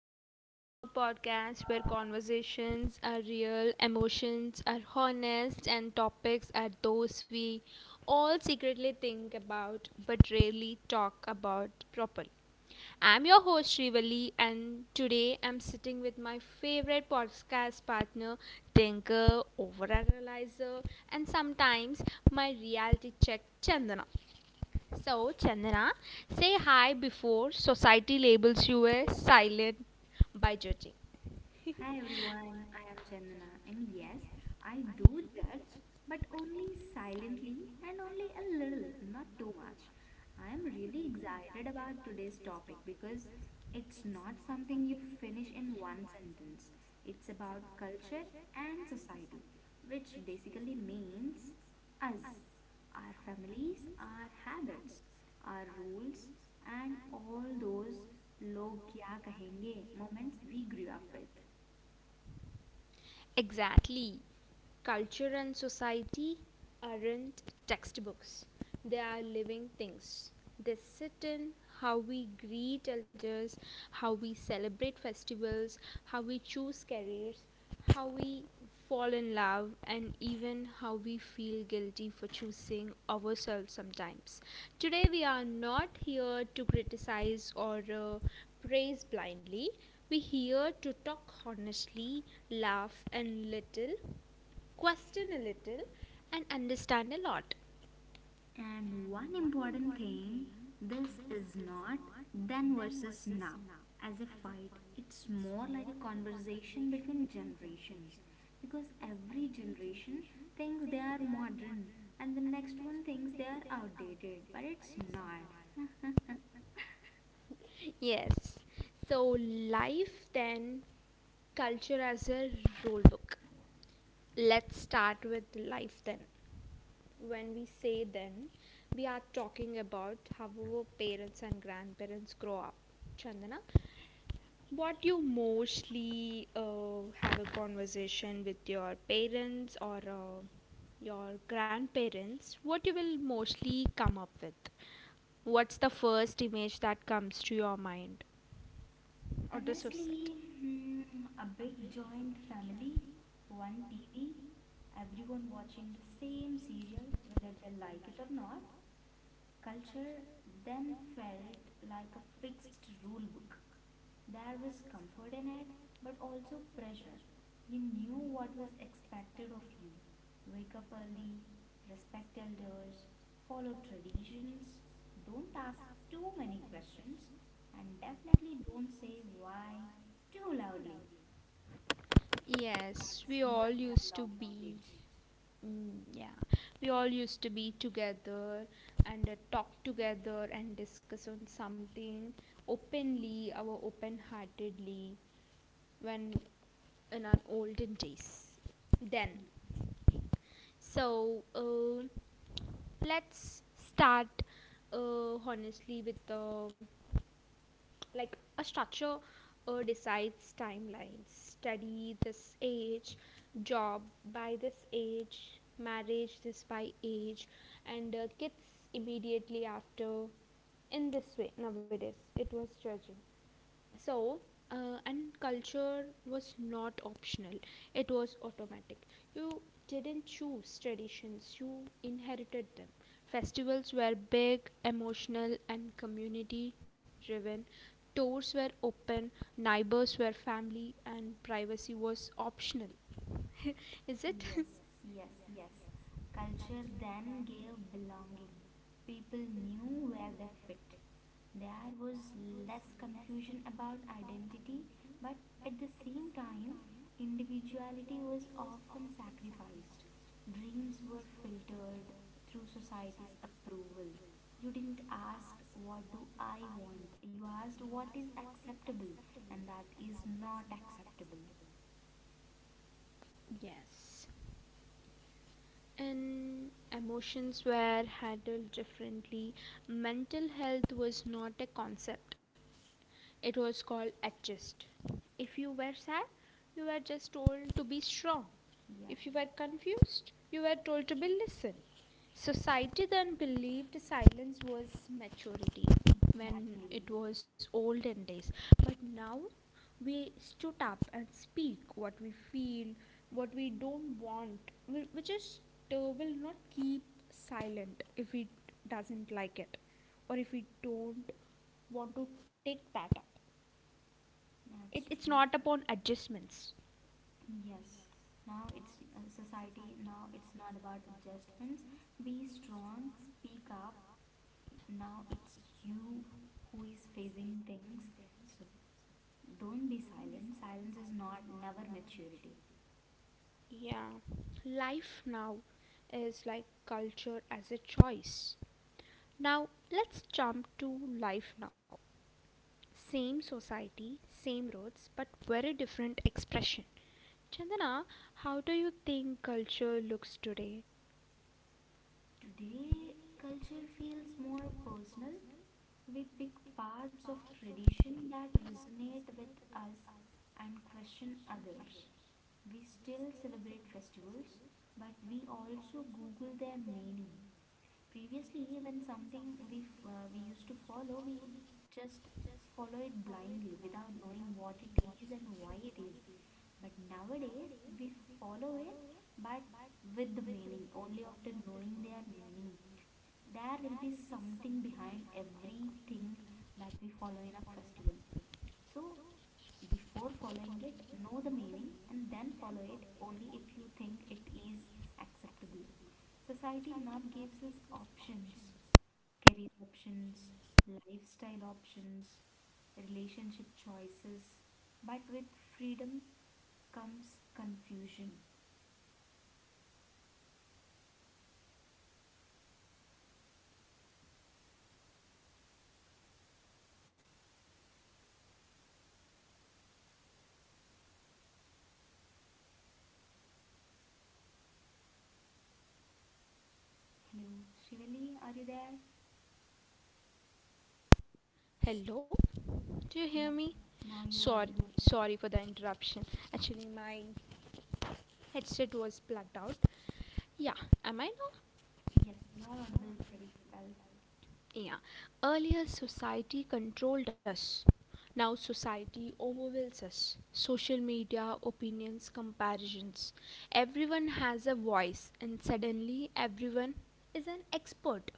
Welcome back to our podcast where conversations are real, emotions are honest, and topics are those we all secretly think about but rarely talk about properly. I'm your host, Shrivali, and today I'm sitting with my favorite podcast partner, thinker, overanalyzer, and sometimes my reality check, Chandana. So, Chandana, say hi before society labels you a silent by judging. Hi everyone, I am Chandana, and yes, I do judge, but only silently and only a little, not too much. I am really excited about today's topic because it's not something you finish in one sentence. It's about culture and society, which basically means us, our families, our habits, our rules, and all those log kya kahenge moments we grew up with. Exactly. Culture and society aren't textbooks, they are living things. They sit in how we greet elders, how we celebrate festivals, how we choose careers, how we fall in love, and even how we feel guilty for choosing ourselves sometimes. Today, we are not here to criticize or praise blindly. We're here to talk honestly, laugh a little, question a little, and understand a lot. And one important thing, this is not then versus now as a fight. It's more like a conversation between generations because every generation thinks they are modern and the next one thinks they are outdated, but it's not. Yes. So, life then, culture as a rule book. Let's start with life then. When we say then, we are talking about how our parents and grandparents grow up. Chandana, what you mostly have a conversation with your parents or your grandparents, what you will mostly come up with? What's the first image that comes to your mind or the society? Honestly, hmm, a big joint family, one TV, everyone watching the same serial whether they like it or not. Culture then felt like a fixed rule book. There was comfort in it, but also pressure. You knew what was expected of you: wake up early, respect elders, follow traditions, don't ask too many questions, and definitely don't say why too loudly. Yes, That's we all my kind used to of be. image. Mm, yeah, we all used to be together and talk together and discuss on something openly, our open heartedly when in our olden days. Then. So let's start honestly with the like a structure decides timelines, study this age, job by this age, marriage this by age, and kids immediately after. In this way nowadays it was judging. So and culture was not optional, it was automatic. You didn't choose traditions, you inherited them. Festivals were big, emotional and community driven. Doors were open, neighbors were family and privacy was optional. Is it? Yes, yes, yes. Culture then gave belonging. People knew where they fit. There was less confusion about identity, but at the same time, individuality was often sacrificed. Dreams were filtered through society's approval. You didn't ask, "What do I want?" You asked, "What is acceptable?" And that is not acceptable. Yes. And emotions were handled differently. Mental health was not a concept, it was called adjust. If you were sad, you were just told to be strong. Yeah, If you were confused, you were told to be listen. Society then believed silence was maturity when exactly. it was olden days. But now we stood up and speak what we feel, what we don't want. We just will not keep silent if it doesn't like it or if we don't want to take that up. it, That's it's true. not upon adjustments. Yes. Now it's society. Now it's not about adjustments. Be strong. Speak up. Now it's you who is facing things. So don't be silent. Silence is not never maturity. Yeah, life now is like culture as a choice. Now let's jump to life now, same society same roads but very different expression. Chandana, how do you think culture looks today? Today culture feels more personal. We pick parts of tradition that resonate with us and question others. We still celebrate festivals, but we also Google their meaning. Previously, when something we used to follow, we just follow it blindly without knowing what it is and why it is. But nowadays, we follow it but with the meaning, only after knowing their meaning, there will be something behind everything that we follow in a festival. So before following it, know the meaning and then follow it only if you think it is acceptable. Society now gives us options, career options, lifestyle options, relationship choices, but with freedom comes confusion. Hello, Shivali, are you there? Hello, do you hear Yep, me? now you're Sorry, audible. sorry for the interruption. Actually, my headset was plugged out. Yeah, am I now? Yes, you're audible pretty well. Yeah. Earlier, society controlled us. Now, society overwhelms us. Social media, opinions, comparisons. Everyone has a voice, and suddenly, everyone is an expert.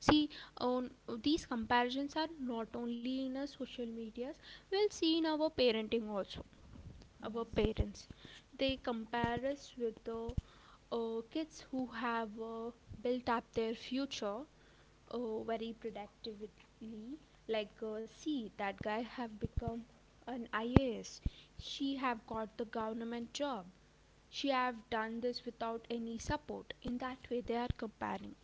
See, on these comparisons are not only in our social medias, we'll see in our parenting also. Our Yes, parents, they compare us with the kids who have built up their future, oh very productively. Like see, that guy have become an ias, she have got the government job, she have done this without any support. In that way they are comparing.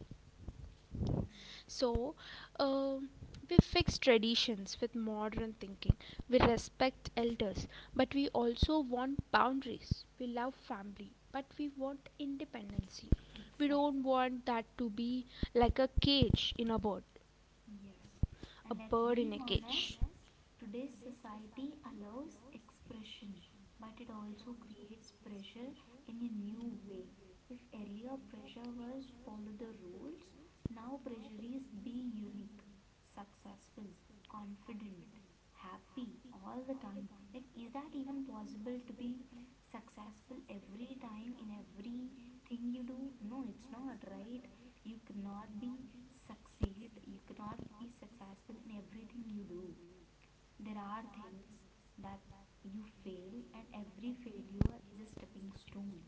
yes, So um we fix traditions with modern thinking. We respect elders, but we also want boundaries. We love family, but we want independency. We exact, don't want that to be like a cage in a bird, yes. a And let's bird in be a cage. honest, today's society allows expression, but it also creates pressure in a new way. If earlier pressure was follow the rules, now pressure is be unique, successful, confident, happy all the time. Like, is that even possible to be successful every time in everything you do? No, it's not, right? You cannot be succeed, you cannot be successful in everything you do. There are things that you fail and every failure is a stepping stone.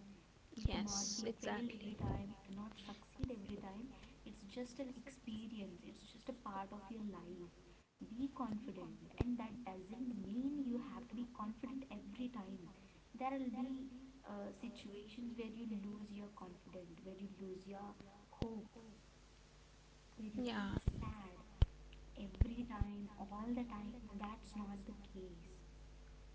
You cannot Yes, be failed every exactly. time, you cannot succeed every time. It's just an experience, it's just a part of your life. Be confident, and that doesn't mean you have to be confident every time. There will be situations where you lose your confidence, where you lose your hope, where you Yeah, feel sad every time, all the time. That's not the case.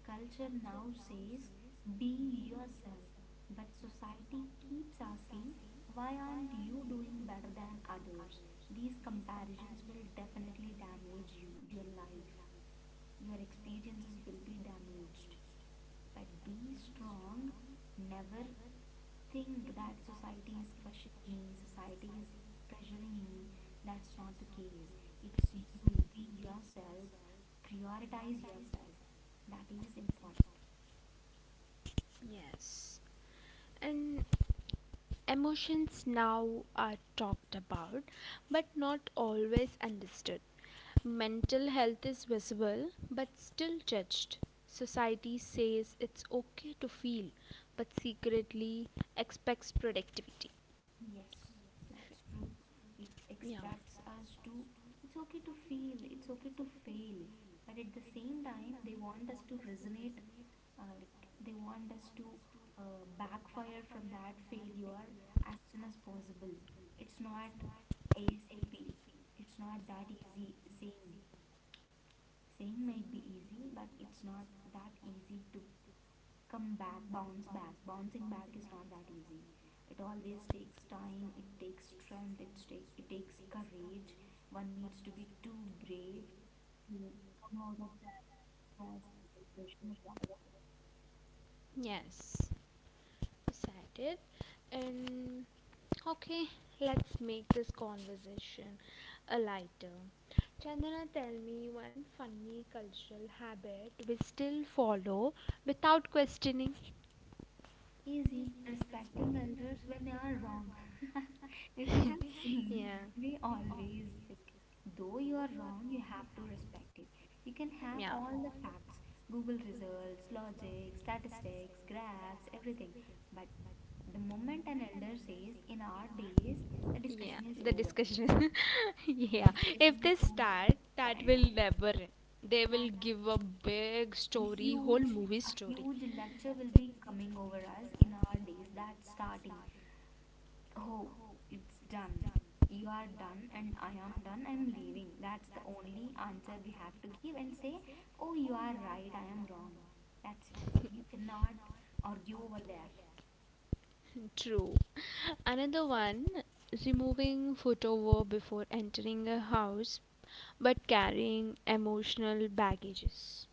Culture now says be yourself, but society keeps asking, why aren't you doing better than others? These comparisons will definitely damage you, your life. Your experiences will be damaged. But be strong, never think that society is questioning me, society is pressuring me. That's not the case. It's you. Be yourself. Prioritize yourself. That is important. yes. And emotions now are talked about, but not always understood. Mental health is visible, but still judged. Society says it's okay to feel, but secretly expects productivity. Yes, that's true. It Yeah. expects us to. It's okay to feel, it's okay to fail, but at the same time, they want us to resonate, like they want us to backfire from that failure as soon as possible. It's not ASAP, it's not that easy. Saying, saying might be easy, but it's not that easy to come back, bounce back. Bouncing back is not that easy. It always takes time, it takes strength, it takes courage. One needs to be too brave to come out of that stress, depression, or whatever. Yes. Excited and okay, let's make this conversation a lighter. Chandana, tell me one funny cultural habit we still follow without questioning. Easy, respecting elders when they are wrong. If you We have seen, yeah, we always like, though you are wrong you have to respect it. You can have yeah, all the facts, google results, logic, statistics, graphs, everything, but the moment an elder says in our days, the yeah, discussion is the over. discussion is yeah, The discussion if they is over, start, it's the that will end. never end. They That will give a big a story, whole huge movie a story. huge lecture will be coming over us in our days, that's starting. Oh, it's done. You are done, and I am done. I'm leaving. That's the only answer we have to give and say, "Oh, you are right. I am wrong." That's it. You cannot argue over there. True. Another one, removing footwear before entering a house, but carrying emotional baggages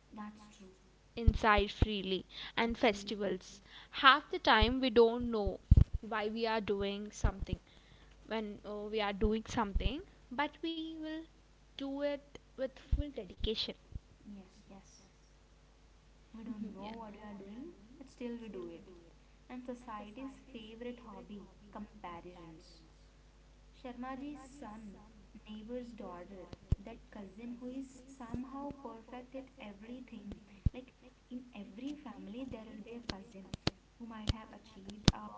That's true. inside freely and Absolutely. festivals. Half the time we don't know why we are doing something, when we are doing something, but we will do it with full dedication. Yes, yes. We Mhm, don't yeah. know what we are doing, but still we do it. And society's favorite hobby, comparisons. Sharmaji's son, neighbor's daughter, that cousin who is somehow perfect at everything. Like in every family, there will be a cousin who might have achieved a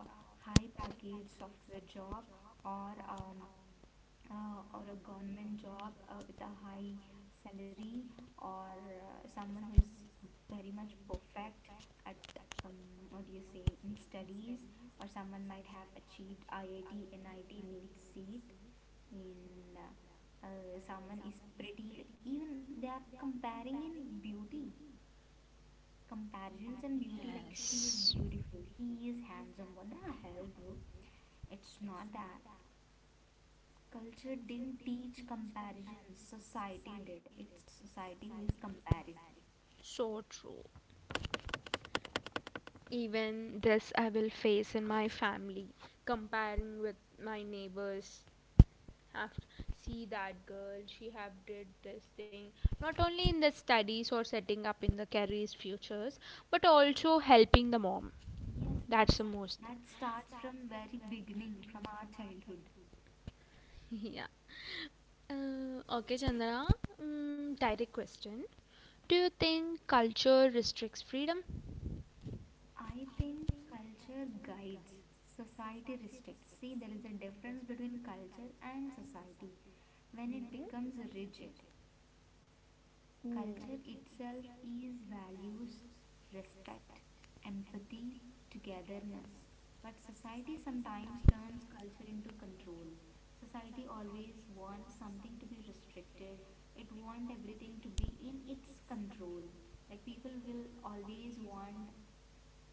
high package software job or um, or a government job with a high salary or someone who is very much perfect at what do you say, in studies, or someone might have achieved IIT, NIT, NEET seat in someone is pretty, like even they are comparing in beauty, comparisons in beauty, like she is beautiful, he is handsome. What the hell, bro, it's not that. Culture didn't teach comparison, society did. It's society who is comparison. So true. Even this I will face in my family, comparing with my neighbors. Have see that girl, she have did this thing. Not only in the studies or setting up in the careers futures, but also helping the mom. Yes, That's the most. that starts from very beginning, from our childhood. Yeah. Okay, Chandra. Mm, direct question. Do you think culture restricts freedom? I think culture guides, society restricts. See, there is a difference between culture and society. When it becomes rigid, culture itself is values, respect, empathy, togetherness. But society sometimes turns culture into control. Society always wants something to be restricted, it wants everything to be in its control. Like people will always want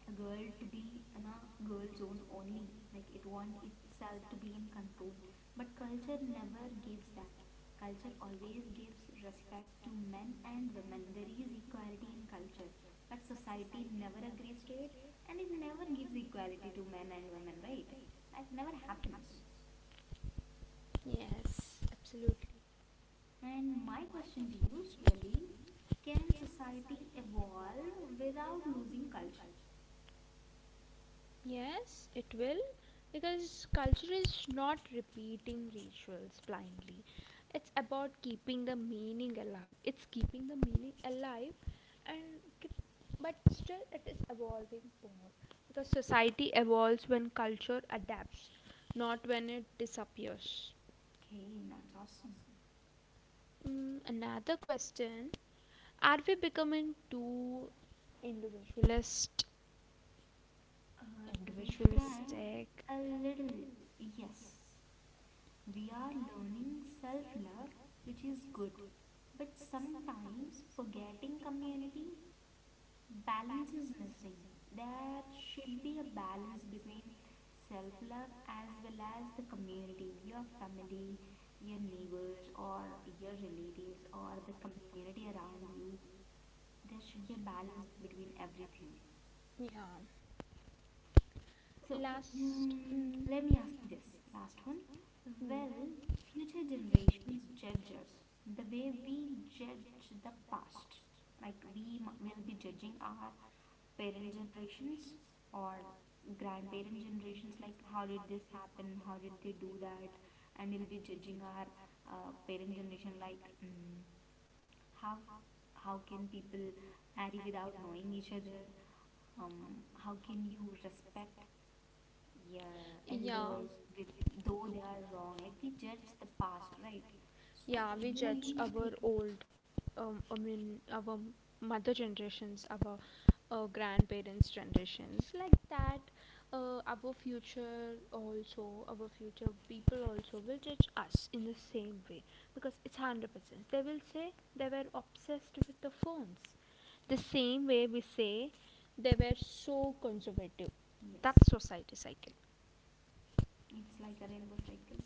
a girl to be in a girl zone only, like it want itself to be in control, but culture never gives that. Culture always gives respect to men and women, there is equality in culture, but society never agrees to it, and it never gives equality to men and women, right? That never happens. Yes, absolutely. And my question to you, Shivali, can society evolve without losing culture? Yes, it will, because culture is not repeating rituals blindly. It's about keeping the meaning alive. It's keeping the meaning alive, and keep, but still it is evolving more because society evolves when culture adapts, not when it disappears. Okay, that's awesome. Mm, another question: are we becoming too individualist? To be frank, Individualistic? a little, yes. We are learning self love, which is good, but sometimes forgetting community, balance is missing. There should be a balance between self love as well as the community, your family, your neighbors, or your relatives, or the community around you. There should be a balance between everything. Yeah. So, Last. Mm. let me ask you this last one. Mm, Will future generations judge us the way we judge the past? Like will be judging our parent generations or grandparent generations, like how did this happen? How did they do that? And we'll be judging our parent generation, like how how can people marry without knowing each other? How can you respect, yeah, yes, elders, with though they are wrong, like we judge the past, right? So yeah. do you think? Old, I mean our mother generations, our grandparents generations like that, our future also, our future people also will judge us in the same way, because it's 100% they will say they were obsessed with the phones, the same way we say they were so conservative. Yes. That's society cycle. It's like a rainbow cycle,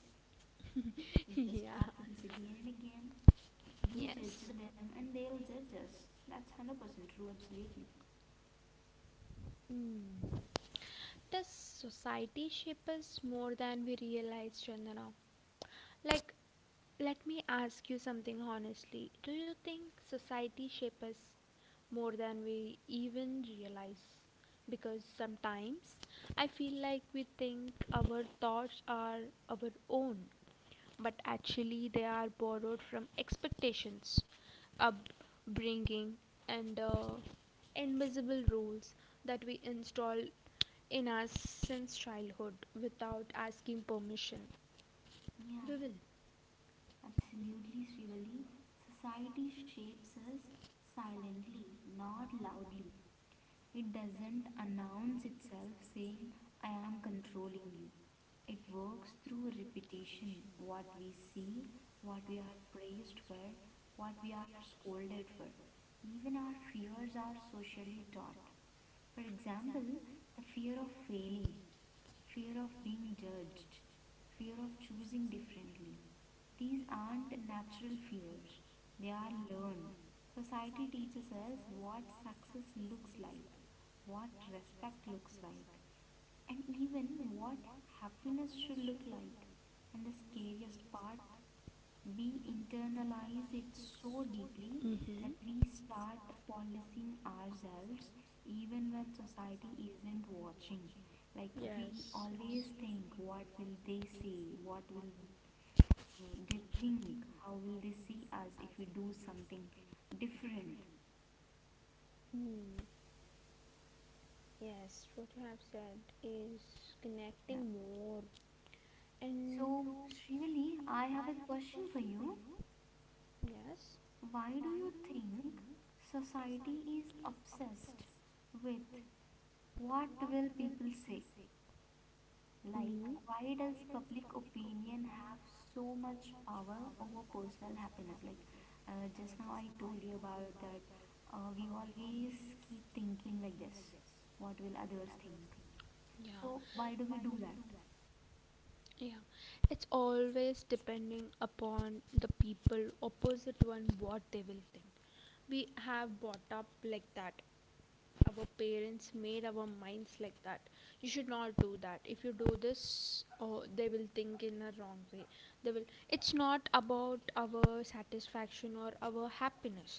it just Yeah. happens again and again. We judged Yes. them and they'll judge us, that's 100% true, absolutely. Mm. Does society shape us more than we realize, Chandana? Like, let me ask you something honestly. Do you think society shapes us more than we even realize? Because sometimes I feel like we think our thoughts are our own, but actually they are borrowed from expectations, upbringing, and invisible rules that we install in us since childhood without asking permission. Yeah, We will. absolutely, Srivali. Society shapes us silently, not loudly. It doesn't announce itself saying, "I am controlling you." It works through repetition, what we see, what we are praised for, what we are scolded for. Even our fears are socially taught. For example, the fear of failing, fear of being judged, fear of choosing differently. These aren't natural fears, they are learned. Society teaches us what success looks like, what respect looks like, and even what happiness should look like. And the scariest part, we internalize it so deeply that we Mm-hmm. start policing ourselves even when society isn't watching. Like, we Yes. always think, what will they say? What will they think? How will they see us if we do something different? Hmm. Yes, what you have said is Yeah. connecting more. And So, Srivali, I have a question for you. yes. Why do you think society is obsessed with what will people say? Like, Mm-hmm. why does public opinion have so much power over personal happiness? Like, just now I told you about that. We always keep thinking like this, what will others think? Yeah. So, why do we do that? Yeah. It's always depending upon the people opposite one, what they will think. We have brought up like that. Our parents made our minds like that. You should not do that. If you do this, oh they will think in a wrong way. They will, it's not about our satisfaction or our happiness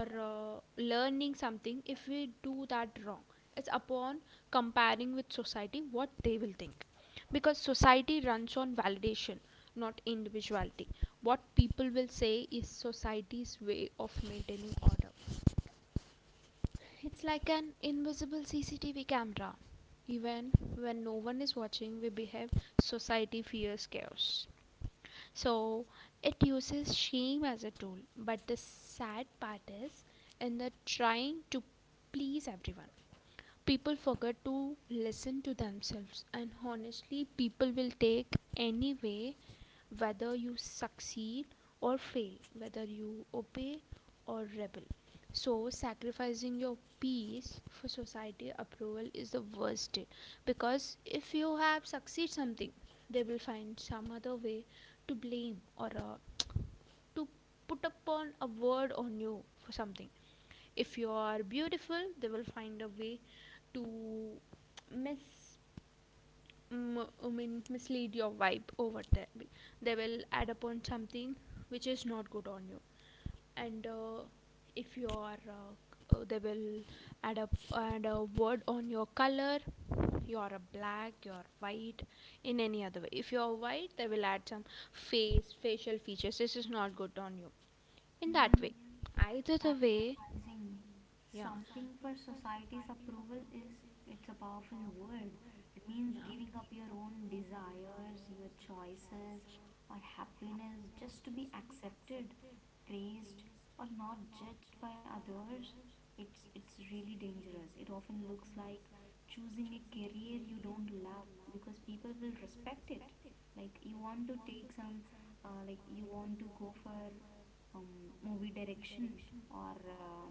or learning something if we do that wrong. It's upon comparing with society what they will think, because society runs on validation, not individuality. What people will say is society's way of maintaining order. It's like an invisible CCTV camera. Even when no one is watching, we behave. Society fears chaos. So it uses shame as a tool. But the sad part is, in the trying to please everyone, people forget to listen to themselves. And honestly, people will take any way, whether you succeed or fail, whether you obey or rebel. So, sacrificing your peace for society approval is the worst day, because if you have succeed something, they will find some other way to blame or to put upon a word on you for something. If you are beautiful, they will find a way to miss, I mean mislead your vibe over there. They will add upon something which is not good on you. And if you are, they will add up, add a word on your color. You are a black, you are white. In any other way, if you are white, they will add some face, facial features. This is not good on you. In that Yeah. either the way. Sacrificing Yeah, something for society's approval is, it's a powerful word. It means yeah, giving up your own desires, your choices, or happiness just to be accepted, praised, or not judged by others. It's really dangerous. It often looks like choosing a career you don't love because people will respect it. Like you want to take some, like you want to go for movie direction or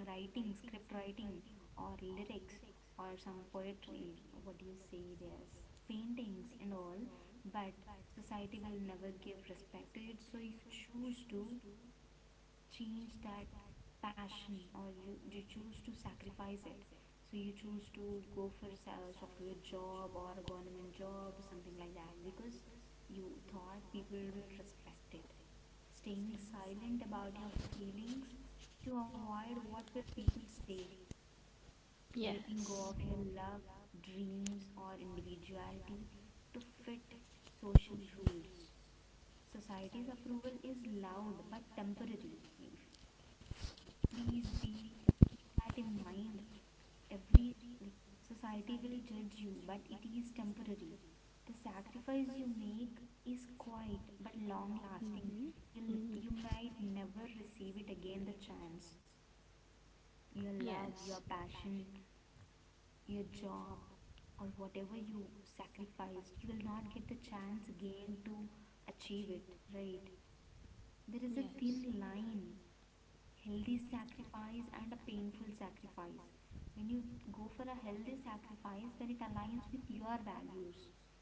writing, script writing, or lyrics, or some poetry, what do you say, there's paintings and all, but society will never give respect to it, so you choose to change that passion, or you choose to sacrifice it. So you choose to go for a software job or a government job, something like that, because you thought people will respect it. Staying silent about your feelings to avoid what will people say, yeah. letting go of your love, dreams, or individuality to fit social rules. Society's approval is loud but temporary. If please be, keep that in mind, every, like, society will judge you, but it is temporary. The sacrifice you make is quiet but long lasting. You'll, Mm. you might never receive it again, the chance. Your love, your passion, your job, or whatever you sacrificed, you will not get the chance again to achieve it, right? There is a thin line, healthy sacrifice and a painful sacrifice. When you go for a healthy sacrifice, when it aligns with your values,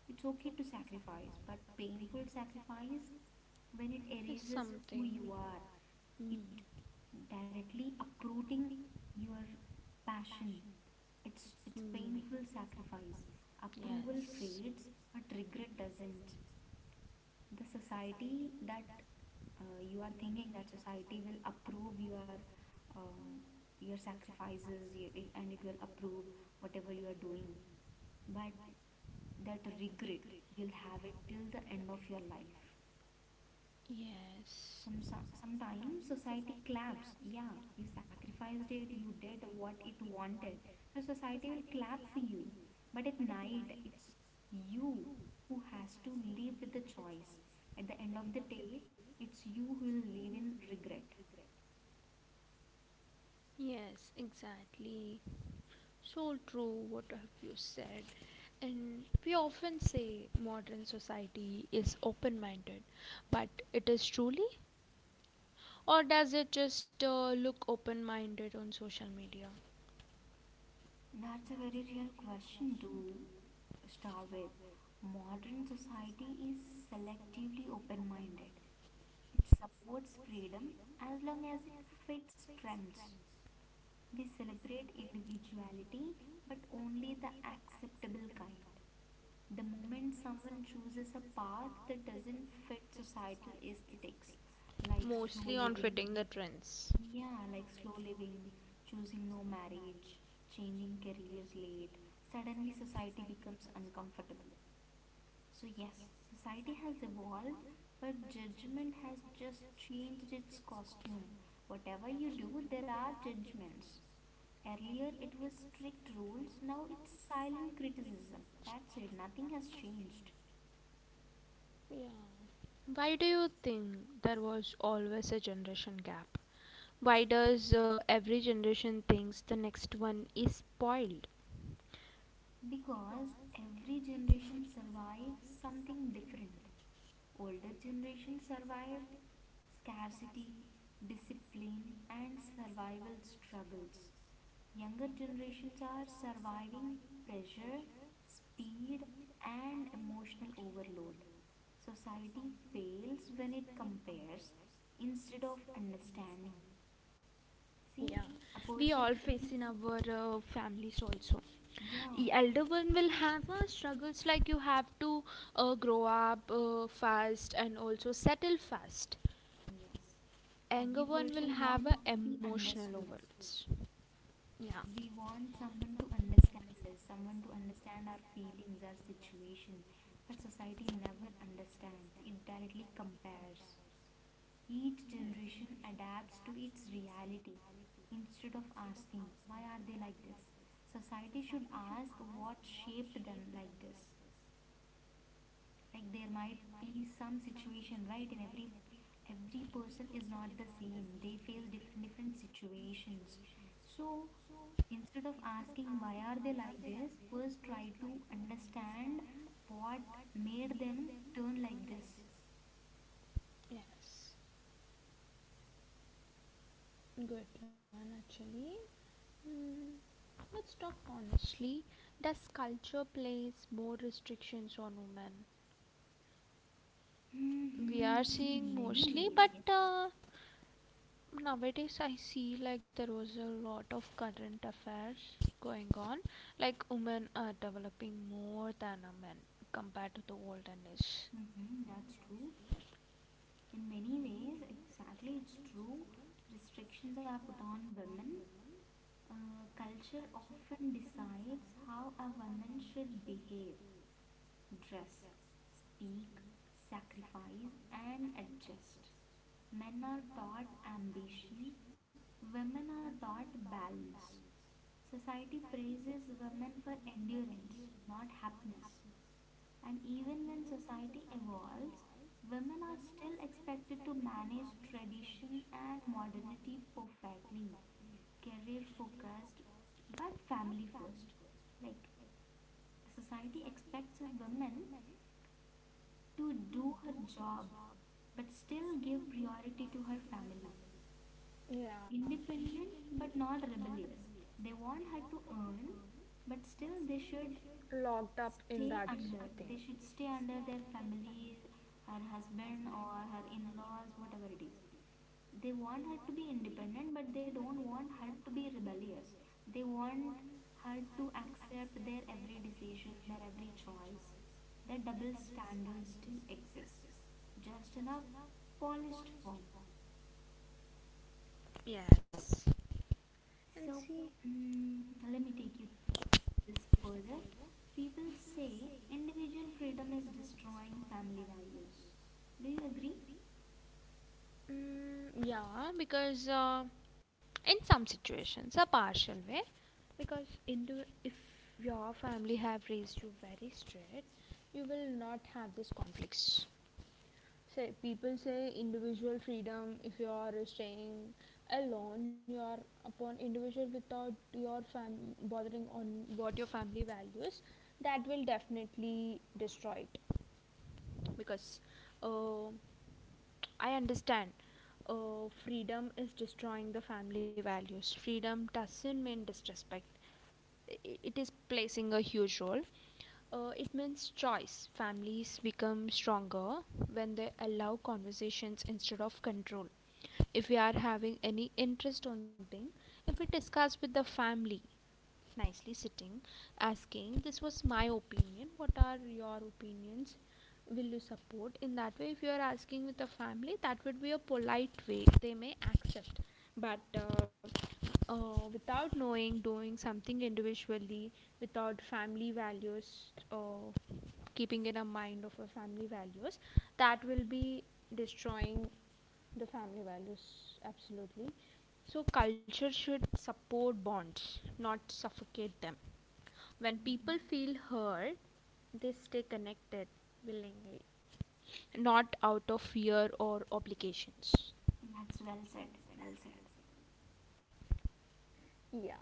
it's okay to sacrifice, but painful sacrifice, when it erases who you are, it Mm. directly uprooting your passion. It's painful sacrifice. Approval fades, but regret doesn't. The society that you are thinking that society will approve your um, sacrifices and it will approve whatever you are doing, but that regret you'll have it till the end of your life. Yes, Sometimes society claps. Yeah, you sacrificed it, you did what it wanted. So society will clap for you. But at night, it's you who has to live with the choice. At the end of the day, it's you who will live in regret. yes, exactly. So true, what have you said? And we often say modern society is open minded, but it is truly? Or does it just look open minded on social media? That's a very real question to start with. Modern society is selectively open minded. It supports freedom as long as it fits trends. We celebrate individuality, but only the acceptable kind. The moment someone chooses a path that doesn't fit societal aesthetics, like slow Mostly on living, fitting the trends. yeah, like slow living, choosing no marriage, changing careers late, suddenly society becomes uncomfortable. So, yes, society has evolved, but judgment has just changed its costume. Whatever you do, there are judgments. Earlier it was strict rules, now it's silent criticism. That's it, nothing has changed. Yeah. Why do you think there was always a generation gap? Why does every generation thinks the next one is spoiled? Because every generation survives something different. Older generation survived scarcity, discipline, and survival struggles. Younger generations are surviving pressure, speed, and emotional overload. Society fails when it compares instead of understanding. See, a We person all face needs, in our families also. The yeah, elder one will have struggles, like you have to grow up fast and also settle fast. yes. Every Anger, person want to be understood. yeah. We want someone to understand us, someone to understand our feelings, our situation. But society never understands. It directly compares. Each generation adapts to its reality instead of asking, why are they like this? Society should ask what shaped them like this. Like there might be some situation, right? And every person is not the same, they face different different situations. So instead of asking why are they like this, first try to understand what made them turn like this. Yes, good one actually. Hmm, let's talk honestly, does culture place more restrictions on women? Hmm, in many ways, But, yes. Nowadays I see like there was a lot of current affairs going on, like women are developing more than a men compared to the olden days. Mm-hmm, that's true. In many ways, exactly, it's true. Restrictions are put on women. Culture often decides how a woman should behave, dress, speak, sacrifice, and adjust. Men are taught ambition, women are taught balance. Society praises women for endurance, not happiness. And even when society evolves, women are still expected to manage tradition and modernity perfectly, career focused but family first. Like society expects a woman to do her job but still give priority to her family. Yeah, Independent but not rebellious. They want her to earn, but still they should locked up. stay under their family, her husband or her in-laws, whatever it is. They want her to be independent but they don't want her to be rebellious. They want her to accept their every decision, their every choice. The double standard still exists, just in a polished form. Yes. So, And see, mm, let me take you this further. People say individual freedom is destroying family values. Do you agree? mm, yeah, because in some situations, a partial way, because in the if your family have raised you very strict, you will not have these conflicts. Say people say individual freedom. If you are staying alone, you are upon individual without your fam bothering on what your family values. That will definitely destroy it. Because uh, I understand freedom is destroying the family values. Freedom doesn't mean disrespect. It is placing a huge role. It means choice. Families become stronger when they allow conversations instead of control. If we are having any interest on something, if we discuss with the family, nicely sitting, asking, this was my opinion, what are your opinions? Will you support in that way if you are asking with a family, that would be a polite way they may accept. But without knowing, doing something individually without family values, keeping in a mind of a family values, that will be destroying the family values absolutely. So culture should support bonds, not suffocate them. When people Mhm. feel heard, they stay connected willingly, not out of fear or obligations. That's well said, well said. Yeah.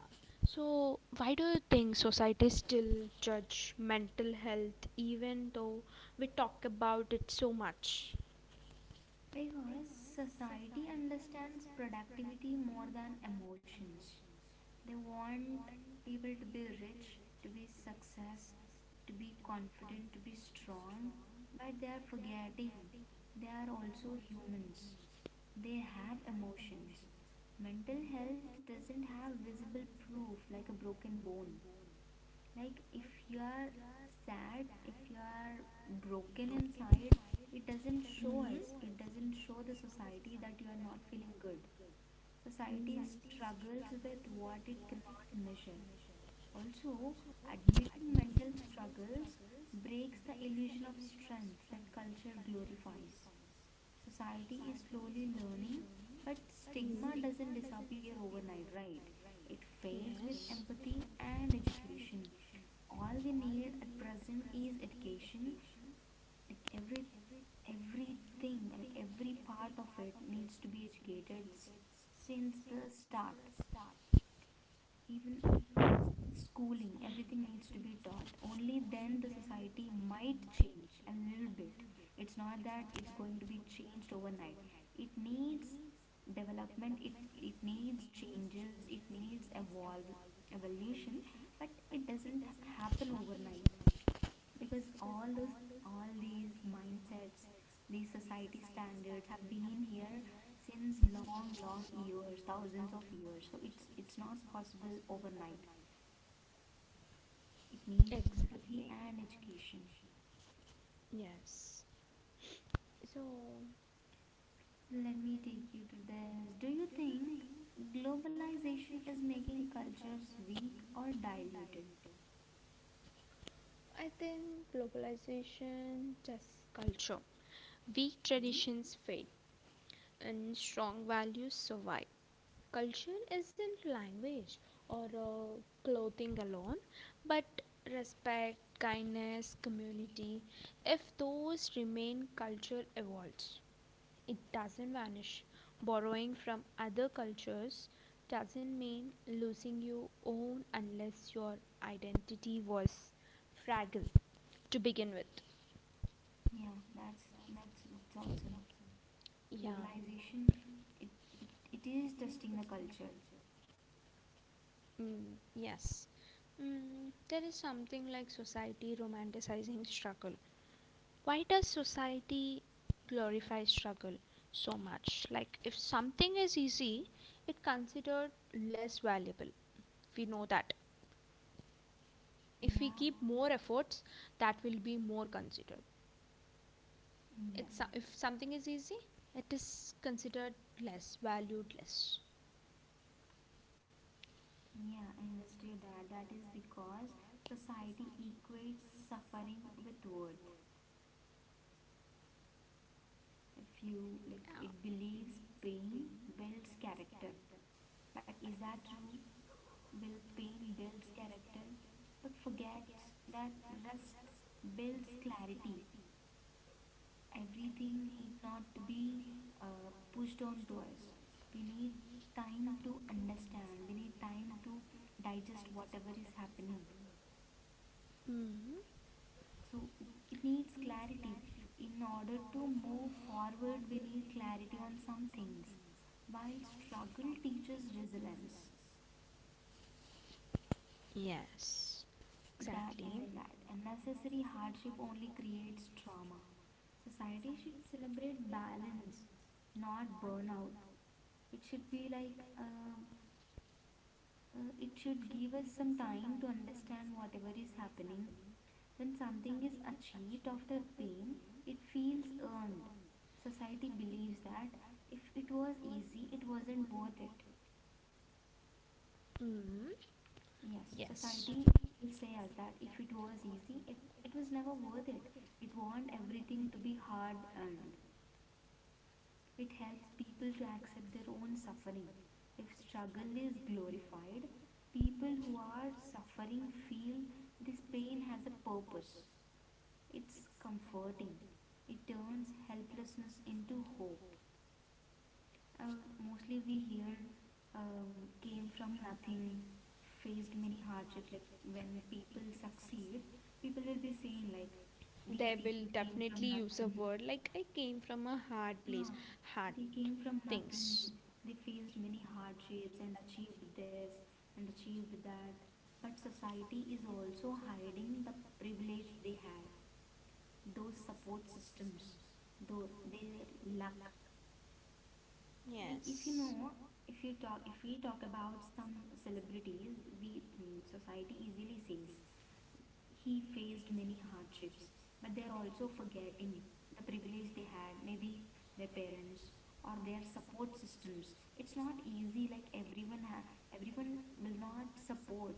So, why do you think society still judge mental health even though we talk about it so much? Because society understands productivity more than emotions. They want people to be rich, to be success, to be confident, to be strong, but they are forgetting they are also humans. They have emotions. Mental health doesn't have visible proof like a broken bone. Like if you are sad, if you are broken inside, it doesn't show us, it doesn't show the society that you are not feeling good. Society struggles with what it cannot measure. Also, admitting mental struggles breaks the illusion of strength that culture glorifies. Society is slowly learning, but stigma doesn't disappear overnight, right? It fades with empathy and education. All we need at present is education. Like everything, like every part of it needs to be educated, since the start. Even schooling, everything needs to be taught, only then the society might change a little bit. It's not that it's going to be changed overnight. It needs development, it needs changes, it needs evolve, evolution. But it doesn't happen overnight. Because all these mindsets, these society standards have been here since long long years, thousands of years. So it's not possible overnight. It needs Ye- empathy and education. Yes. So Let me take you through this. Do you think globalization is making cultures weak or diluted? I think globalization just culture. Weak Okay. traditions fade and strong values survive. Culture isn't language or clothing alone, but respect, kindness, community. If those remain, culture evolves. It doesn't vanish. Borrowing from other cultures doesn't mean losing your own unless your identity was fragile to begin with. Yeah, that's it's awesome. Yeah, Globalization it, it is testing the culture. mm, yes. Mm, there is something like society romanticizing struggle. Why does society glorify struggle so much? Like, if something is easy, it considered less valuable. We know that. If Yeah, more efforts, that will be more considered. If yes. something is easy, it is considered less valued, less. Yeah, I understood that. That is because society equates suffering with worth. If you like, it Uh, believes pain builds character. But is that true? Will pain builds character, but forgets that rest builds clarity. Everything need not be pushed on to us. We need time to understand. We need time to digest whatever is happening. mm. So it needs clarity. In order to move forward, we need clarity on some things. While struggle teaches resilience, Yes, is that, exactly. isn't that unnecessary hardship only creates trauma. Society should celebrate balance, not burnout. It should be like it should give us some time to understand whatever is happening. When something is achieved after pain, it feels earned. Society believes that if it was easy, it wasn't worth it. Mm. Yes, society will say us that if it was easy, it was never worth it. It wants everything to be hard earned. It helps people to accept their own suffering. If struggle is glorified, people who are suffering feel this pain has a purpose. It's comforting. It turns helplessness into hope. Mostly we hear came from nothing, faced many hardships. Like when people succeed, people will be saying like these They will people came from definitely nothing. word like I came from a hard place. Yeah, Hard. they came from nothing. They faced many hardships and achieved this and achieved that. But society is also hiding the privilege they had. Those support systems, though their luck. Yeah. Like if you know, if we talk about some celebrities, we society easily says he faced many hardships, but they're also forgetting the privilege they had. Maybe their parents or their support systems. It's not easy, like everyone will not support.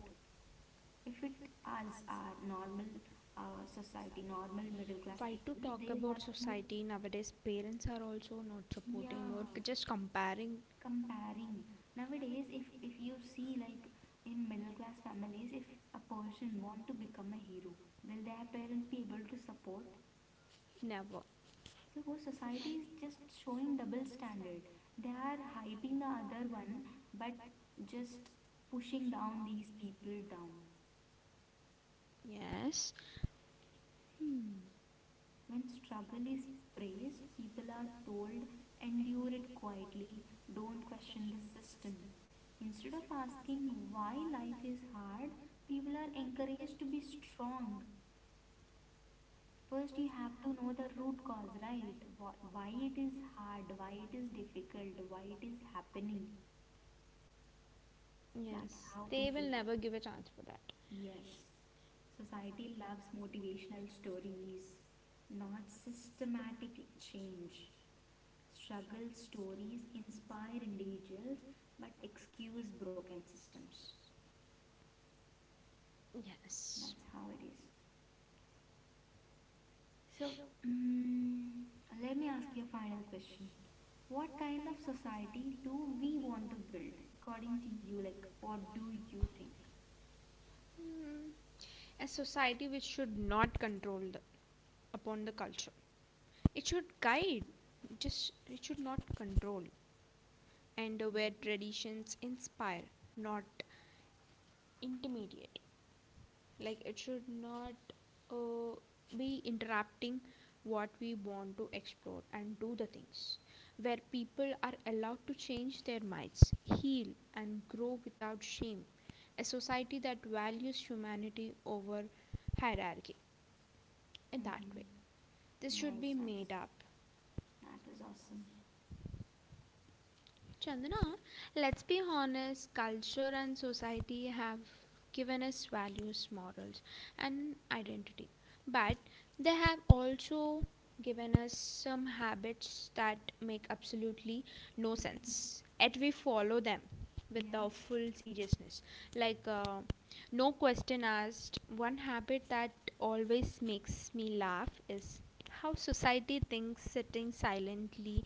If it, as our normal, society, normal middle class people, they want to. Nowadays, parents are also not supported. Yeah, Comparing. comparing. Nowadays, if you see like in middle class families, if a person want to become a hero, will their parents be able to support? Never. So whole society is just showing double standard. They are hyping the other one, but just pushing down these people down. Yes. When struggle is praised, people are told, endure it quietly, don't question the system. Instead of asking why life is hard, people are encouraged to be strong. First, you have to know the root cause, right? Why it is hard, why it is difficult, why it is happening. That's Yes. how people are. Give a chance for that. Yes. Society loves motivational stories, not systematic change. Struggle stories inspire individuals but excuse broken systems. Yes. That's how it is. So, mm, let me ask you a final question. What kind of society do we want to build according to you? Like, what do you think? Mm. A society which should not control the, upon the culture. It should guide. Just it should not control. And where traditions inspire, not intimidate. Like it should not uh, be interrupting what we want to explore and do the things, where people are allowed to change their minds, heal, and grow without shame. A society that values humanity over hierarchy, Mm-hmm. this should Nice, be nice. made up. That was awesome. Chandana, let's be honest, culture and society have given us values, morals, and identity. But they have also given us some habits that make absolutely no sense. Yet we follow them with Yeah. our full seriousness. Like, no question asked, one habit that always makes me laugh is how society thinks sitting silently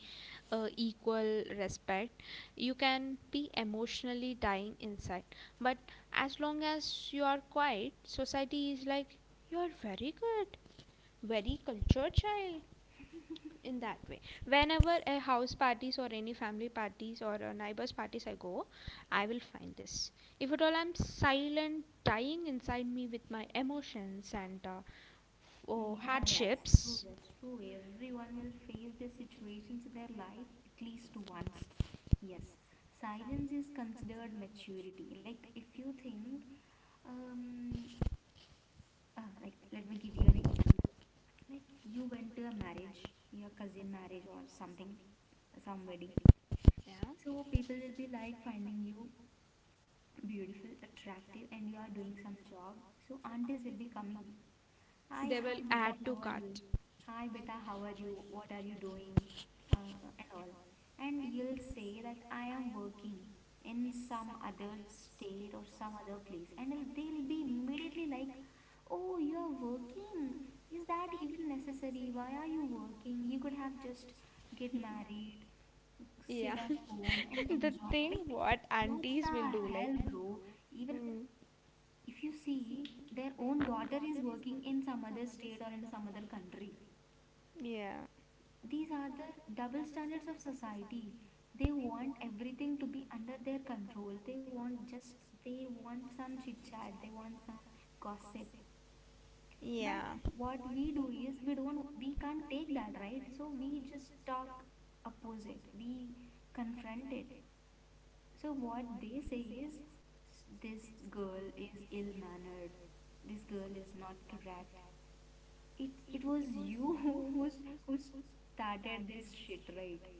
equal respect. You can be emotionally dying inside, but as long as you are quiet, society is like you are very good, very cultured child. In that way, whenever a house parties or any family parties or a neighbors parties I go, I will find this. If at all I'm silent, dying inside me with my emotions and oh. Yeah, that's true. That's true. Everyone will face these situations in their life at least once. Yes, silence is considered maturity. Like, if you think, um, like, let me give you an example. Like, you went to a marriage, your cousin marriage or something, some wedding. Yeah, So, people will be like finding you beautiful, attractive, and you are doing some job. So, aunties will be coming, Hi, hi, beta, how are you? Hi, beta, how are you? What are you doing? And all. And you'll say that I am working in some other state or some other place. And they'll be immediately like, Oh, you are working. Is that even necessary? Why are you working? You could have just get married, sit at home and the, enjoy. Like, what the hell, bro? Even if you see their own daughter is working in some other state or in some other country, yeah, these are the double standards of society. They want everything to be under their control, they want some chit chat, they want some gossip. But yeah. what we do is, we can't take that, right? So we just talk opposite, we confront it. So what they say is, this girl is ill mannered, this girl is not correct. It was you who started this shit, right?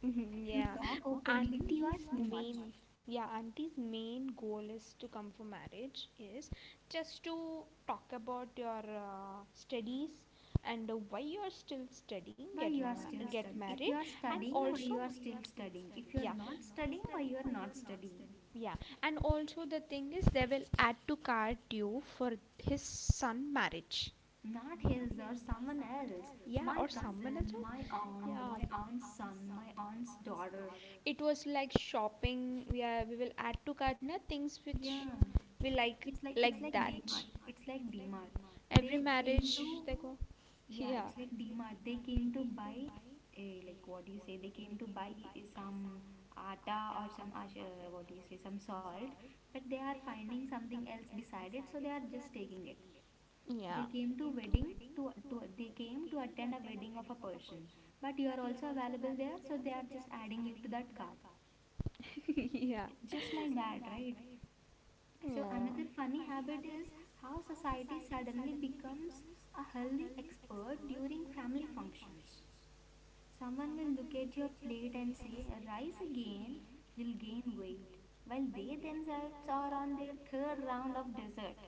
Mhm, If you yeah. talk openly, you Auntie's are too main, much. yeah, auntie's main goal is to come for marriage is just to talk about your studies and why you are still studying, Why you are still get studying? If married. you are And studying, why also, you are still studying? If you yeah, are not studying, why you are not studying? yeah, and also the thing is they will add to cart you for his son marriage. Not his or someone else, my cousin, my aunt, my aunt's son, my aunt's daughter. It was like shopping, yeah, we will add to cart na things which Yeah, we like. it's like DMart. They into. Yeah, it's like DMart. They came to buy, like what do you say? They came to buy some atta or some what do you say? Some salt, but they are finding something else beside it, so they are just taking it. Yeah. They came to attend a wedding of a person, but you are also available there, so they are just adding you to that cart. It, yeah. it's just like that, right? So Yeah. another funny habit is how society suddenly becomes a healthy expert during family functions. Someone will look at your plate and say, Rise again, you'll gain weight, while they themselves are on their third round of dessert.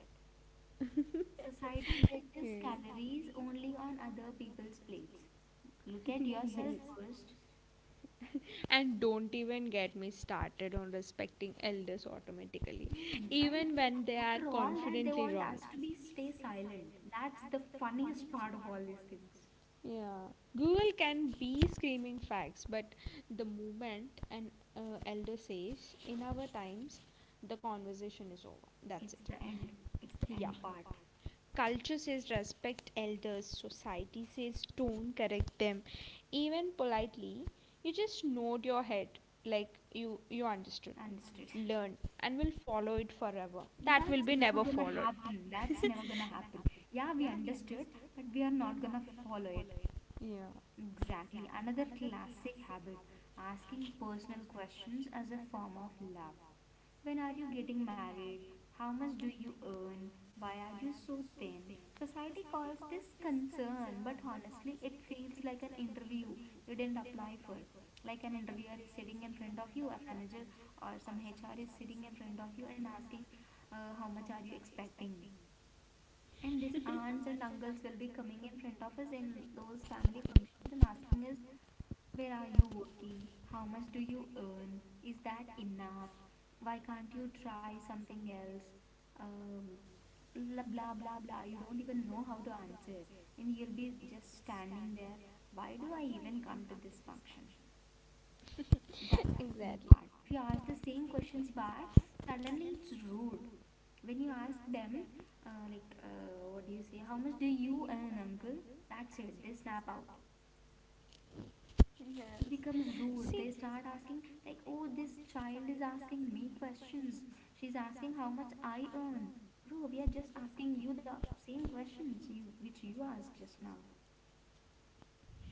Society judges calories only on other people's plates. Look at yourself first. And don't even get me started on respecting elders automatically. Hmm. Even when they are. After all that, they want us to be stay silent. That's the funniest part of all these things. Yeah. Google can be screaming facts, but the moment an elder says, in our times, the conversation is over. It's That's the it. end. It's the end part. Culture says respect elders, society says don't correct them. Even politely, you just nod your head like you understood. Understood. Learned and will follow it forever. That's never gonna happen. That's never gonna happen. Yeah, we understood, but we are not gonna follow it. Yeah. Exactly. Another classic habit, asking personal questions as a form of love. When are you getting married? How much do you earn? Why are you so thin? Society calls this concern, but honestly, it feels like an interview you didn't apply for. Like an interviewer is sitting in front of you, a manager or some HR is sitting in front of you and asking, how much are you expecting? And these aunts and uncles will be coming in front of us in those family functions and asking us, where are you working? How much do you earn? Is that enough? Why can't you try something else? Um, blah blah blah blah. You don't even know how to answer, and you'll be just standing there. Why do I even come to this function? That's the funny part. If you ask the same questions back, suddenly it's rude. When you ask them, like, what do you say? How much do you earn, uncle? That's it. They snap out. It becomes rude. They start asking, like, oh, this child is asking me questions. She's asking how much I earn. Bro, we are just asking you the same questions you which you asked just now.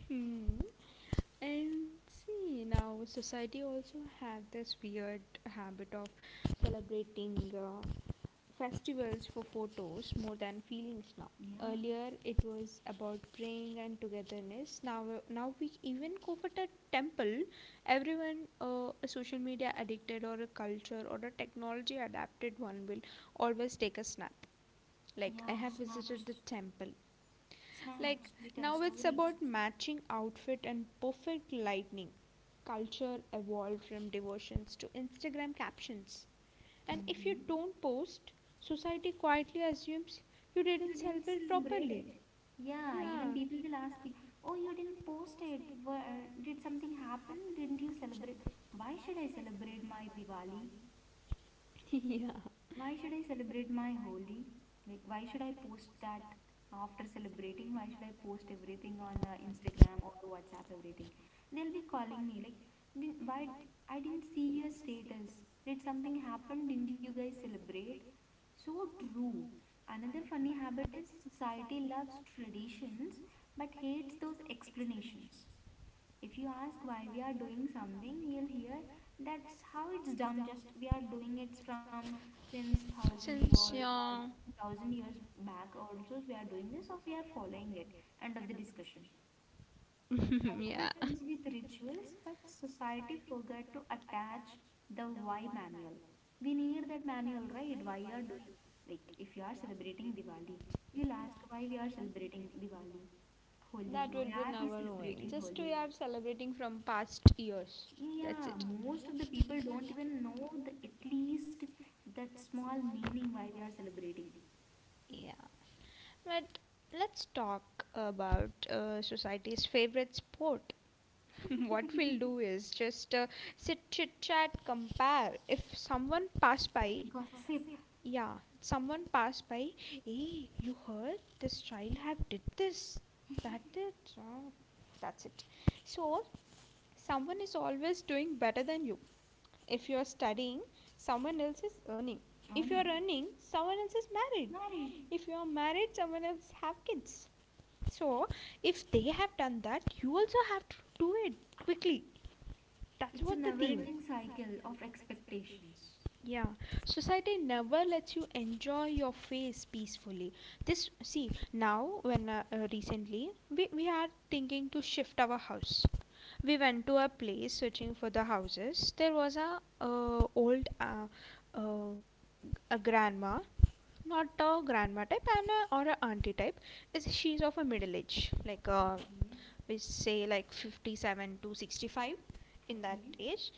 Hmm. And see, now society also have this weird habit of celebrating festivals for photos more than feelings now. Yeah, Earlier, it was about praying and togetherness. Now, now we even go for the temple. Everyone, a social media addicted or a culture or a technology adapted one, will always take a snap like yeah, snaps, temple. snaps, Twitter Now, with stories. matching outfit and perfect lighting. Culture evolved from devotions to Instagram captions. Mm-hmm. Don't post, society quietly assumes you You didn't didn't celebrate. celebrate it. Yeah, even people will ask you, oh, you didn't post it. Where, did something happen? Didn't you celebrate? Why should I celebrate my Diwali? yeah. Why should I celebrate my Holi? Like, why should I post that after celebrating? Why should I post everything on the Instagram or WhatsApp? Everything? They'll be calling me like, didn't, why I didn't see your status? Did something happen? Didn't you guys celebrate? So true. Another funny habit is, society loves traditions but hates those explanations. If you ask why we are doing something, you'll hear, that's how it's done. Just we are doing it from since 1,000 years or 2,000 years back. Also, we are doing this, or we are following it. End of the discussion. Culture yeah. comes with rituals, but society forgot to attach the why manual. We need that manual, right? Why you are doing, like if you are celebrating Diwali, you'll ask why we are celebrating Diwali. Holi, why are we celebrating Holi? Are celebrating from past years. Yeah, most of the people don't even know the, at least that small meaning why we are celebrating. Yeah. But let's talk about society's favorite sport. What we'll do is just sit, chit chat, compare. If someone passed by. Gossip, Yeah, someone passed by. Hey, you heard? This child have did this. That it. Ah, that's it. So, someone is always doing better than you. If you are studying, someone else is earning. If earning, earning, someone else is married. married. If you are married, someone else have kids. So, if they have done that, you also have to do it quickly. That's. It's a never-ending cycle of expectations. Yeah, society never lets you enjoy your face peacefully. This see now when recently we are thinking to shift our house. We went to a place searching for the houses. There was a old uh, a grandma, not a grandma type and a, or a auntie type. Is she's of a middle age, like Okay, we say like 57 to 65 in that okay. age.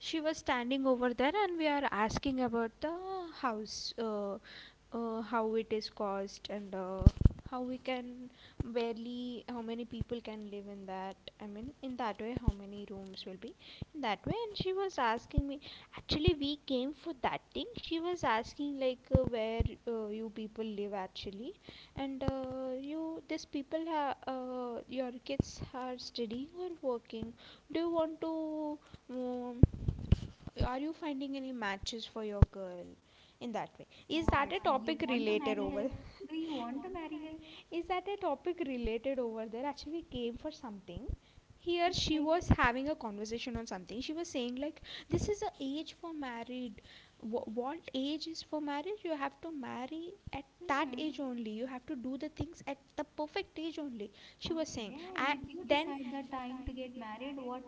She was standing over there and we are asking about the house, how it is cost, and how we can barely how many people can live in that, I mean in that way how many rooms will be in that way. And she was asking me, actually we came for that thing, she was asking like where you people live actually, and you these people your kids are studying or working, do you want to um, are you finding any matches for your girl, in that way? Is What? that, Do you want to marry her? Do you want to marry her? is that a topic related over there? Actually, we came for something. Here It's she like, was having a conversation on something. She was saying like, "This is the age for married. What age is for marriage? You have to marry at hmm. that age only. You have to do the things at the perfect age only." She was saying, Okay, did you decide the time to get married? What?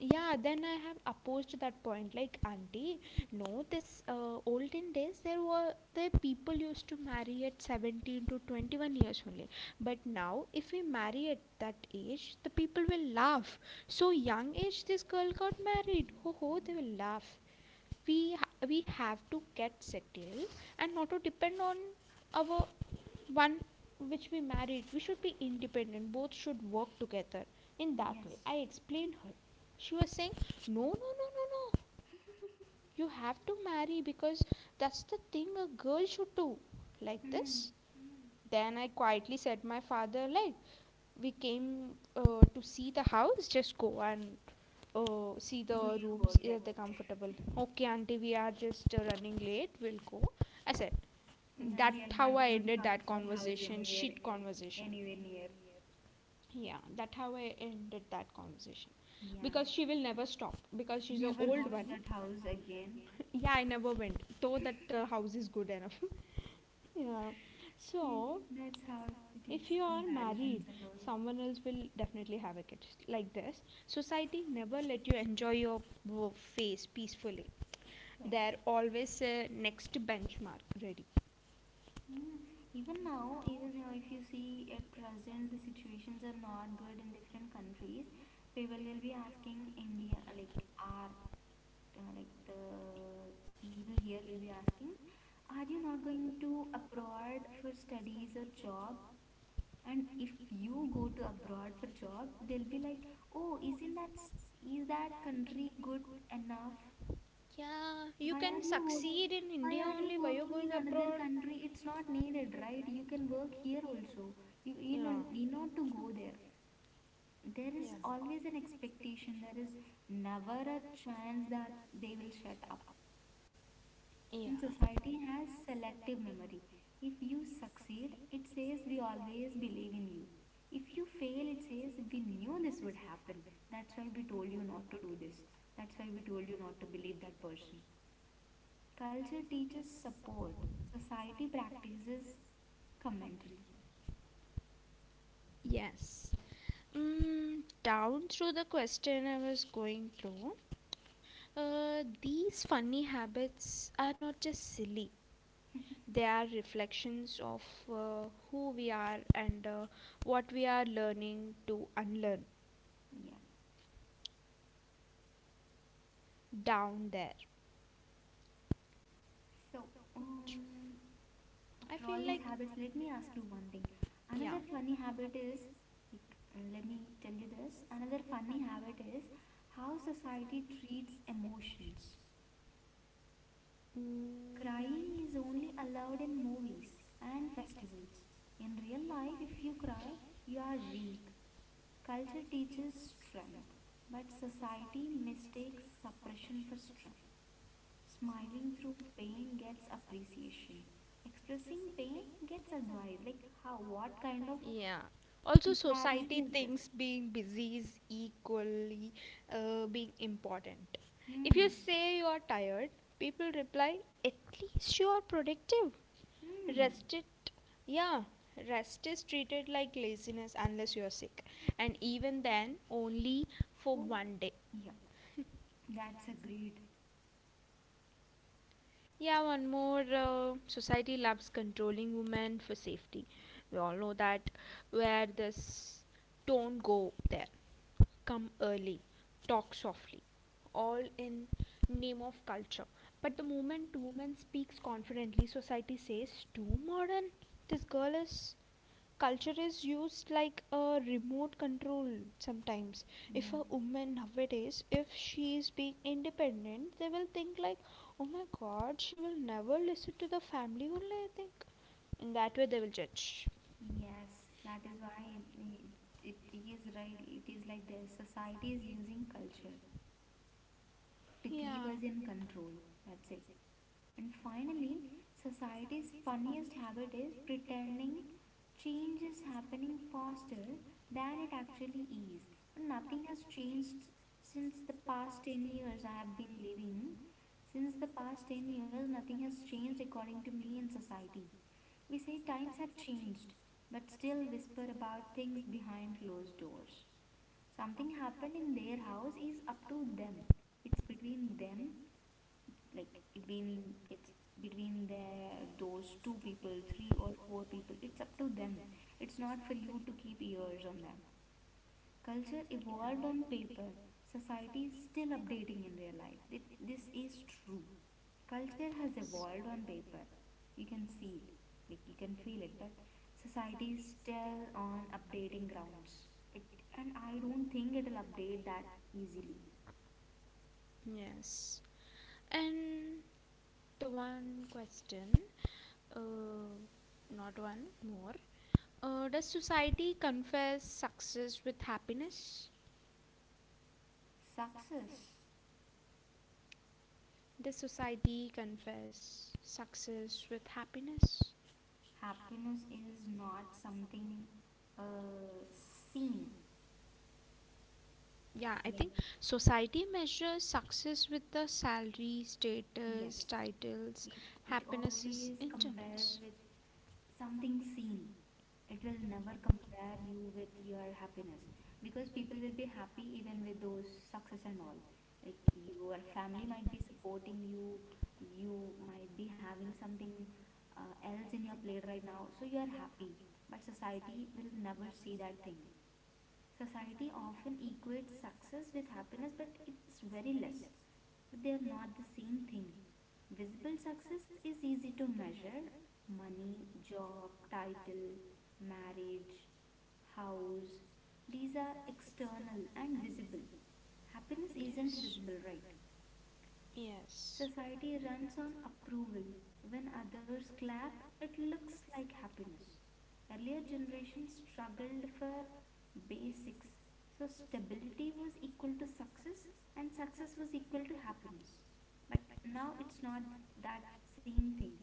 yeah, then I have opposed that point like, auntie, no, this olden days there were the people used to marry at 17 to 21 years only, but now if we marry at that age the people will laugh. So young age this girl got married, ho ho, they will laugh. we we have to get settled and not to depend on our one which we married, we should be independent, both should work together. In that way Yes. I explained her. She was saying no, no, no, no, no, you have to marry because that's the thing a girl should do, like this. Hmm. Then I quietly said my father like, we came to see the house, just go and oh see the Do your rooms work, are they that's it. comfortable, okay auntie we are just running late, we'll go. I said, No, that we are how not I going to ended come that to your house conversation, anywhere, shit conversation. anywhere near. Yeah, that how I ended that conversation, Yeah, because she will never stop because she's a never go to that house again. yeah, I never went, though that house is good enough. yeah. See, So that's how it if is. you are married, Comparisons and all. someone else will definitely have a kid, like this. Society never let you enjoy your face peacefully. Yes. They're always next benchmark ready. Yeah. Even now, if you see at present, the situations are not good in different countries. People will be asking India, like like the people here will be asking, are you not going to abroad for studies or job? And if you go to abroad for job, they'll be like, oh, isn't that is that country good enough? Yeah, you Why are can. you working? Why In- are you working in another country? It's not needed, right? You can work here also. You know need not to go there. There is always an expectation, there is never a chance that they will shut up. And yeah. society has selective memory. If you succeed, it says we always believe in you. If you fail, it says we knew this would happen. That's why we told you not to do this. That's why we told you not to believe that person. Culture teaches support, society practices commentary. Yes. Mm, down through the question I was going through, these funny habits are not just silly. They are reflections of who we are and what we are learning to unlearn Yeah. down there. So, um, I After all think, these habits, let me ask you one thing. yeah. Another funny habit is, like, let me tell you this. Another funny habit is how society treats emotions. Mm, Crying is only allowed in movies and festivals. In real life, if you cry, you are weak. Culture teaches strength, but society mistakes suppression for strength. Smiling through pain gets appreciation. Expressing pain gets advice. Like how, what kind of yeah. Also, society, comparison is this? things being busy is equally being important. If Hmm. you say you are tired, people reply, at least you are productive. Hmm. Chit. Yeah, rest is treated like laziness unless you are sick, and even then, only for Oh, one day. yeah. That's agreed. Yeah, one more, society loves controlling women for safety. We all know that, where this don't go there, come early, talk softly, all in name of culture. But the moment woman speaks confidently, society says too modern. This girl is, culture is used like a remote control sometimes. If women nowadays if she is being independent, they will think like, oh my god, she will never listen to the family only I think. In that way they will judge. Yeah. Yes. That is why it is right. It is like the society is using culture to keep us in control. That's it. And finally, society's funniest habit is pretending change is happening faster than it actually is. Nothing has changed since the past 10 years I have been living. Since the past 10 years, nothing has changed according to me in society. We say times have changed, but still whisper about things behind closed doors. Something happened in their house is up to them, it's between them. Like between it's between their, those two people, three or four people, it's up to them. It's not for you to keep ears on them. Culture evolved on paper, society is still updating in real life. This is true. Culture has evolved on paper. You can see it, like you can feel it, but society is still on updating grounds. It, and I don't think it'll update that easily. Yes, and the one question, uh not one more, does society confess success with happiness, Success, does society confess success with happiness? happiness is not something uh, seen. Yeah. Like, Society measures success with the salary, yes, status, titles. it always compares with something seen. It will never compare you with your happiness, because people will be happy even with those success and all. Like your family might be supporting you, you might be having something else in your plate right now, so you are happy. But society will never see that thing. Society often equates success with happiness, but it's very less. But they are not the same thing. Visible success is easy to measure: money, job, title, marriage, house. These are external and visible. Happiness isn't visible, right? Yes. Society runs on approval. When others clap, it looks like happiness. Earlier generations struggled for basics. So stability was equal to success and success was equal to happiness. But now it's not that same thing.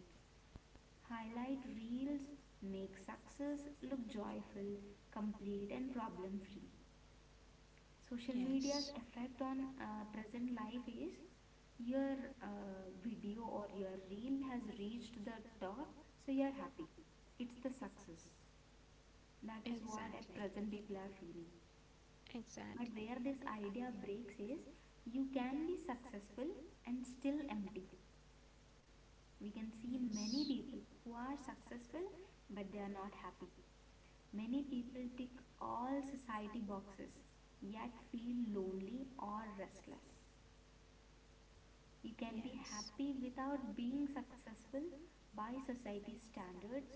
Highlight reels make success look joyful, complete and problem free. Social Yeah. media's effect on present life is, your video or your reel has reached the top, so you are happy, it's the success. That is what at present people are feeling. But Exactly. where this idea breaks is, you can be successful and still empty. We can see many people who are successful but they are not happy. Many people tick all society boxes yet feel lonely or restless. You can be happy without being successful. By society's standards,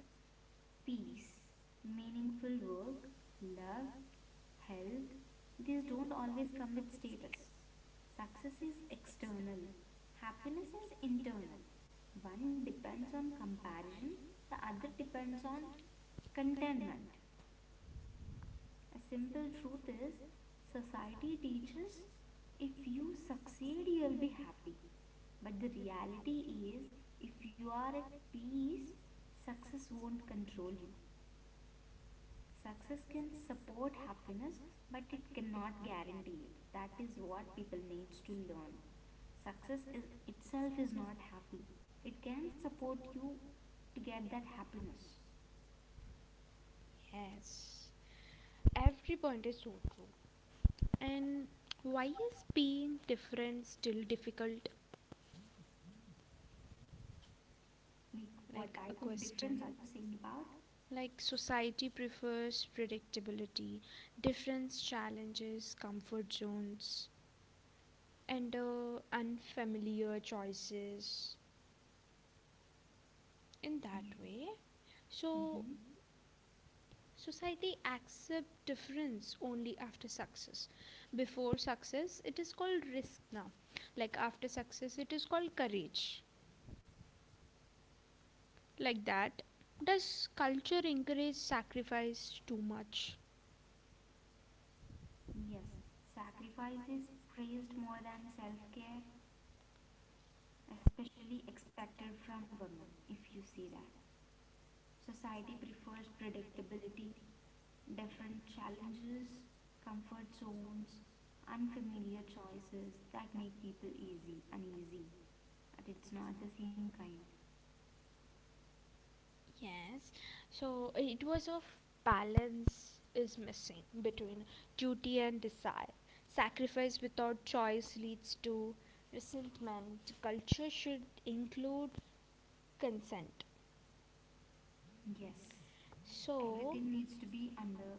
peace, meaningful work, love, health, these don't always come with status. Success is external, happiness is internal. One depends on comparison, the other depends on contentment. A simple truth is, society teaches, if you succeed, you'll be happy. But the reality is, if you are at peace, success won't control you. Success can support happiness, but it cannot guarantee it. That is what people needs to learn. Success is itself is not happy. It can support you to get that happiness. Yes. Every point is so true. And why is being different still difficult? Like, Like what a type of difference are question. you saying about? Like society prefers predictability, difference challenges, comfort zones, and unfamiliar choices. In that Yeah. way. So Mm-hmm. society accepts difference only after success. Before success, it is called risk now. Like after success, it is called courage. Like that. Does culture encourage sacrifice too much? Yes, sacrifice is praised more than self care, especially expected from women, if you see that. Society prefers predictability, different challenges, comfort zones, unfamiliar choices that make people easy, uneasy. And it's not the same kind. Yes. So it was of balance. Is missing between duty and desire. Sacrifice without choice leads to resentment. Culture should include consent. Yes, So everything needs to be under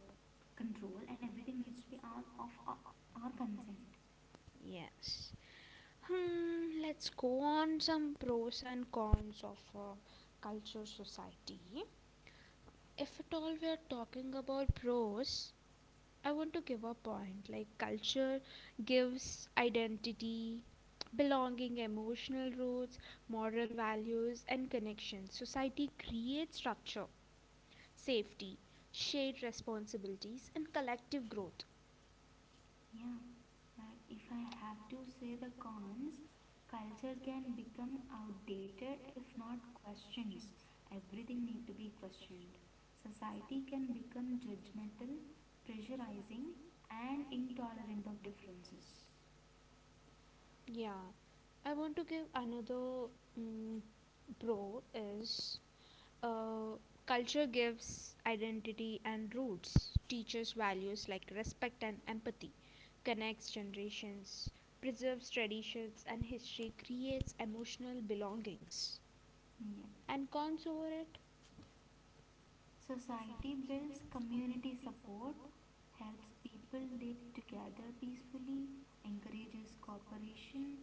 control and everything needs to be on of our consent. yes. Hmm, let's go on some pros and cons of culture society. If at all we are talking about pros, I want to give a point like culture gives identity, belonging, emotional roots, moral values, and connections. Society creates structure, safety, shared responsibilities, and collective growth. Yeah. But if I have to say the cons, culture can become outdated if not questions. Everything need to be questioned. Society can become judgmental, pressurizing and intolerant of differences. Yeah, I want to give another, mm, pro is uh, culture gives identity and roots, teaches values like respect and empathy, connects generations, preserves traditions and history, creates emotional belongings. Yeah. And cons over it? Society builds community support, helps people live together peacefully, encourages cooperation,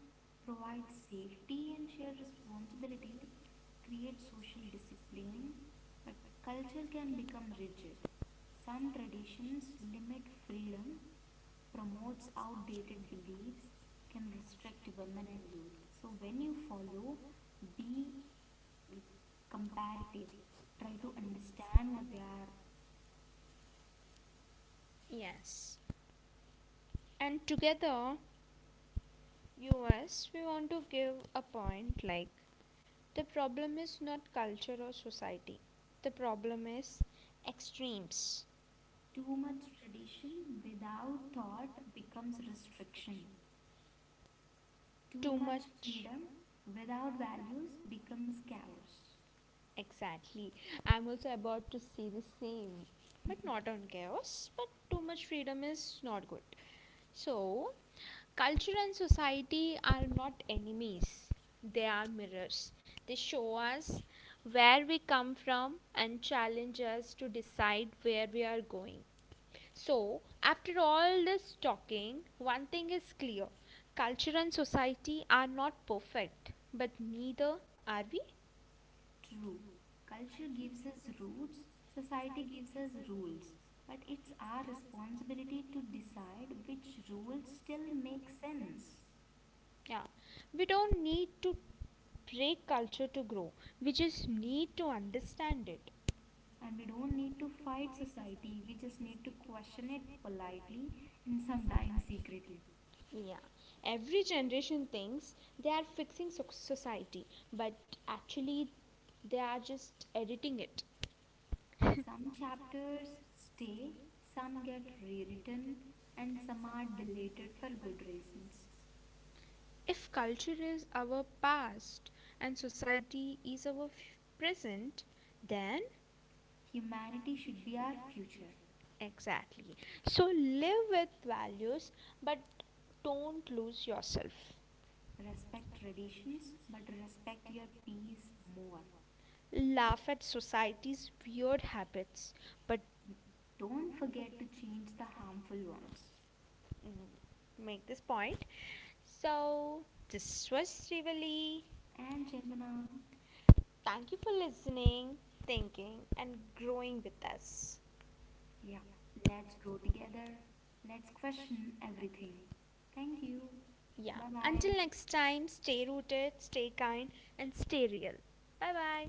provides safety and shared responsibility, creates social discipline. But culture can become rigid. Some traditions limit freedom, promotes outdated beliefs, can restrict women and youth. So when you follow, be we comparative, try to understand what they are. Yes. And together, us, we want to give a point like, the problem is not culture or society. The problem is extremes. Too much tradition without thought becomes restriction, too Too much. much freedom without values becomes chaos. Exactly. I'm also about to say the same, but not on chaos. But too much freedom is not good. So, culture and society are not enemies, they are mirrors. They show us where we come from and challenge us to decide where we are going. So, after all this talking, one thing is clear, culture and society are not perfect, but neither are we. True. Culture gives us roots, society gives us rules, but it's our responsibility to decide which rules still make sense. Yeah, we don't need to break culture to grow, we just need to understand it. And we don't need to fight society, we just need to question it politely and sometimes secretly. Yeah, every generation thinks they are fixing society, but actually, they are just editing it. Some chapters stay, some get rewritten, and some are deleted for good reasons. If culture is our past and society is our present, then Humanity should be our future. exactly. So live with values, but don't lose yourself. Respect traditions, but respect your peace more. Laugh at society's weird habits, but Don't forget to change the harmful ones. mm, make this point. So, this was Rivali. And Chandana, Thank you for listening, thinking, and growing with us. yeah, let's grow together. Let's question everything. Thank you. Yeah. Bye bye. Next time, stay rooted, stay kind, and stay real. Bye bye.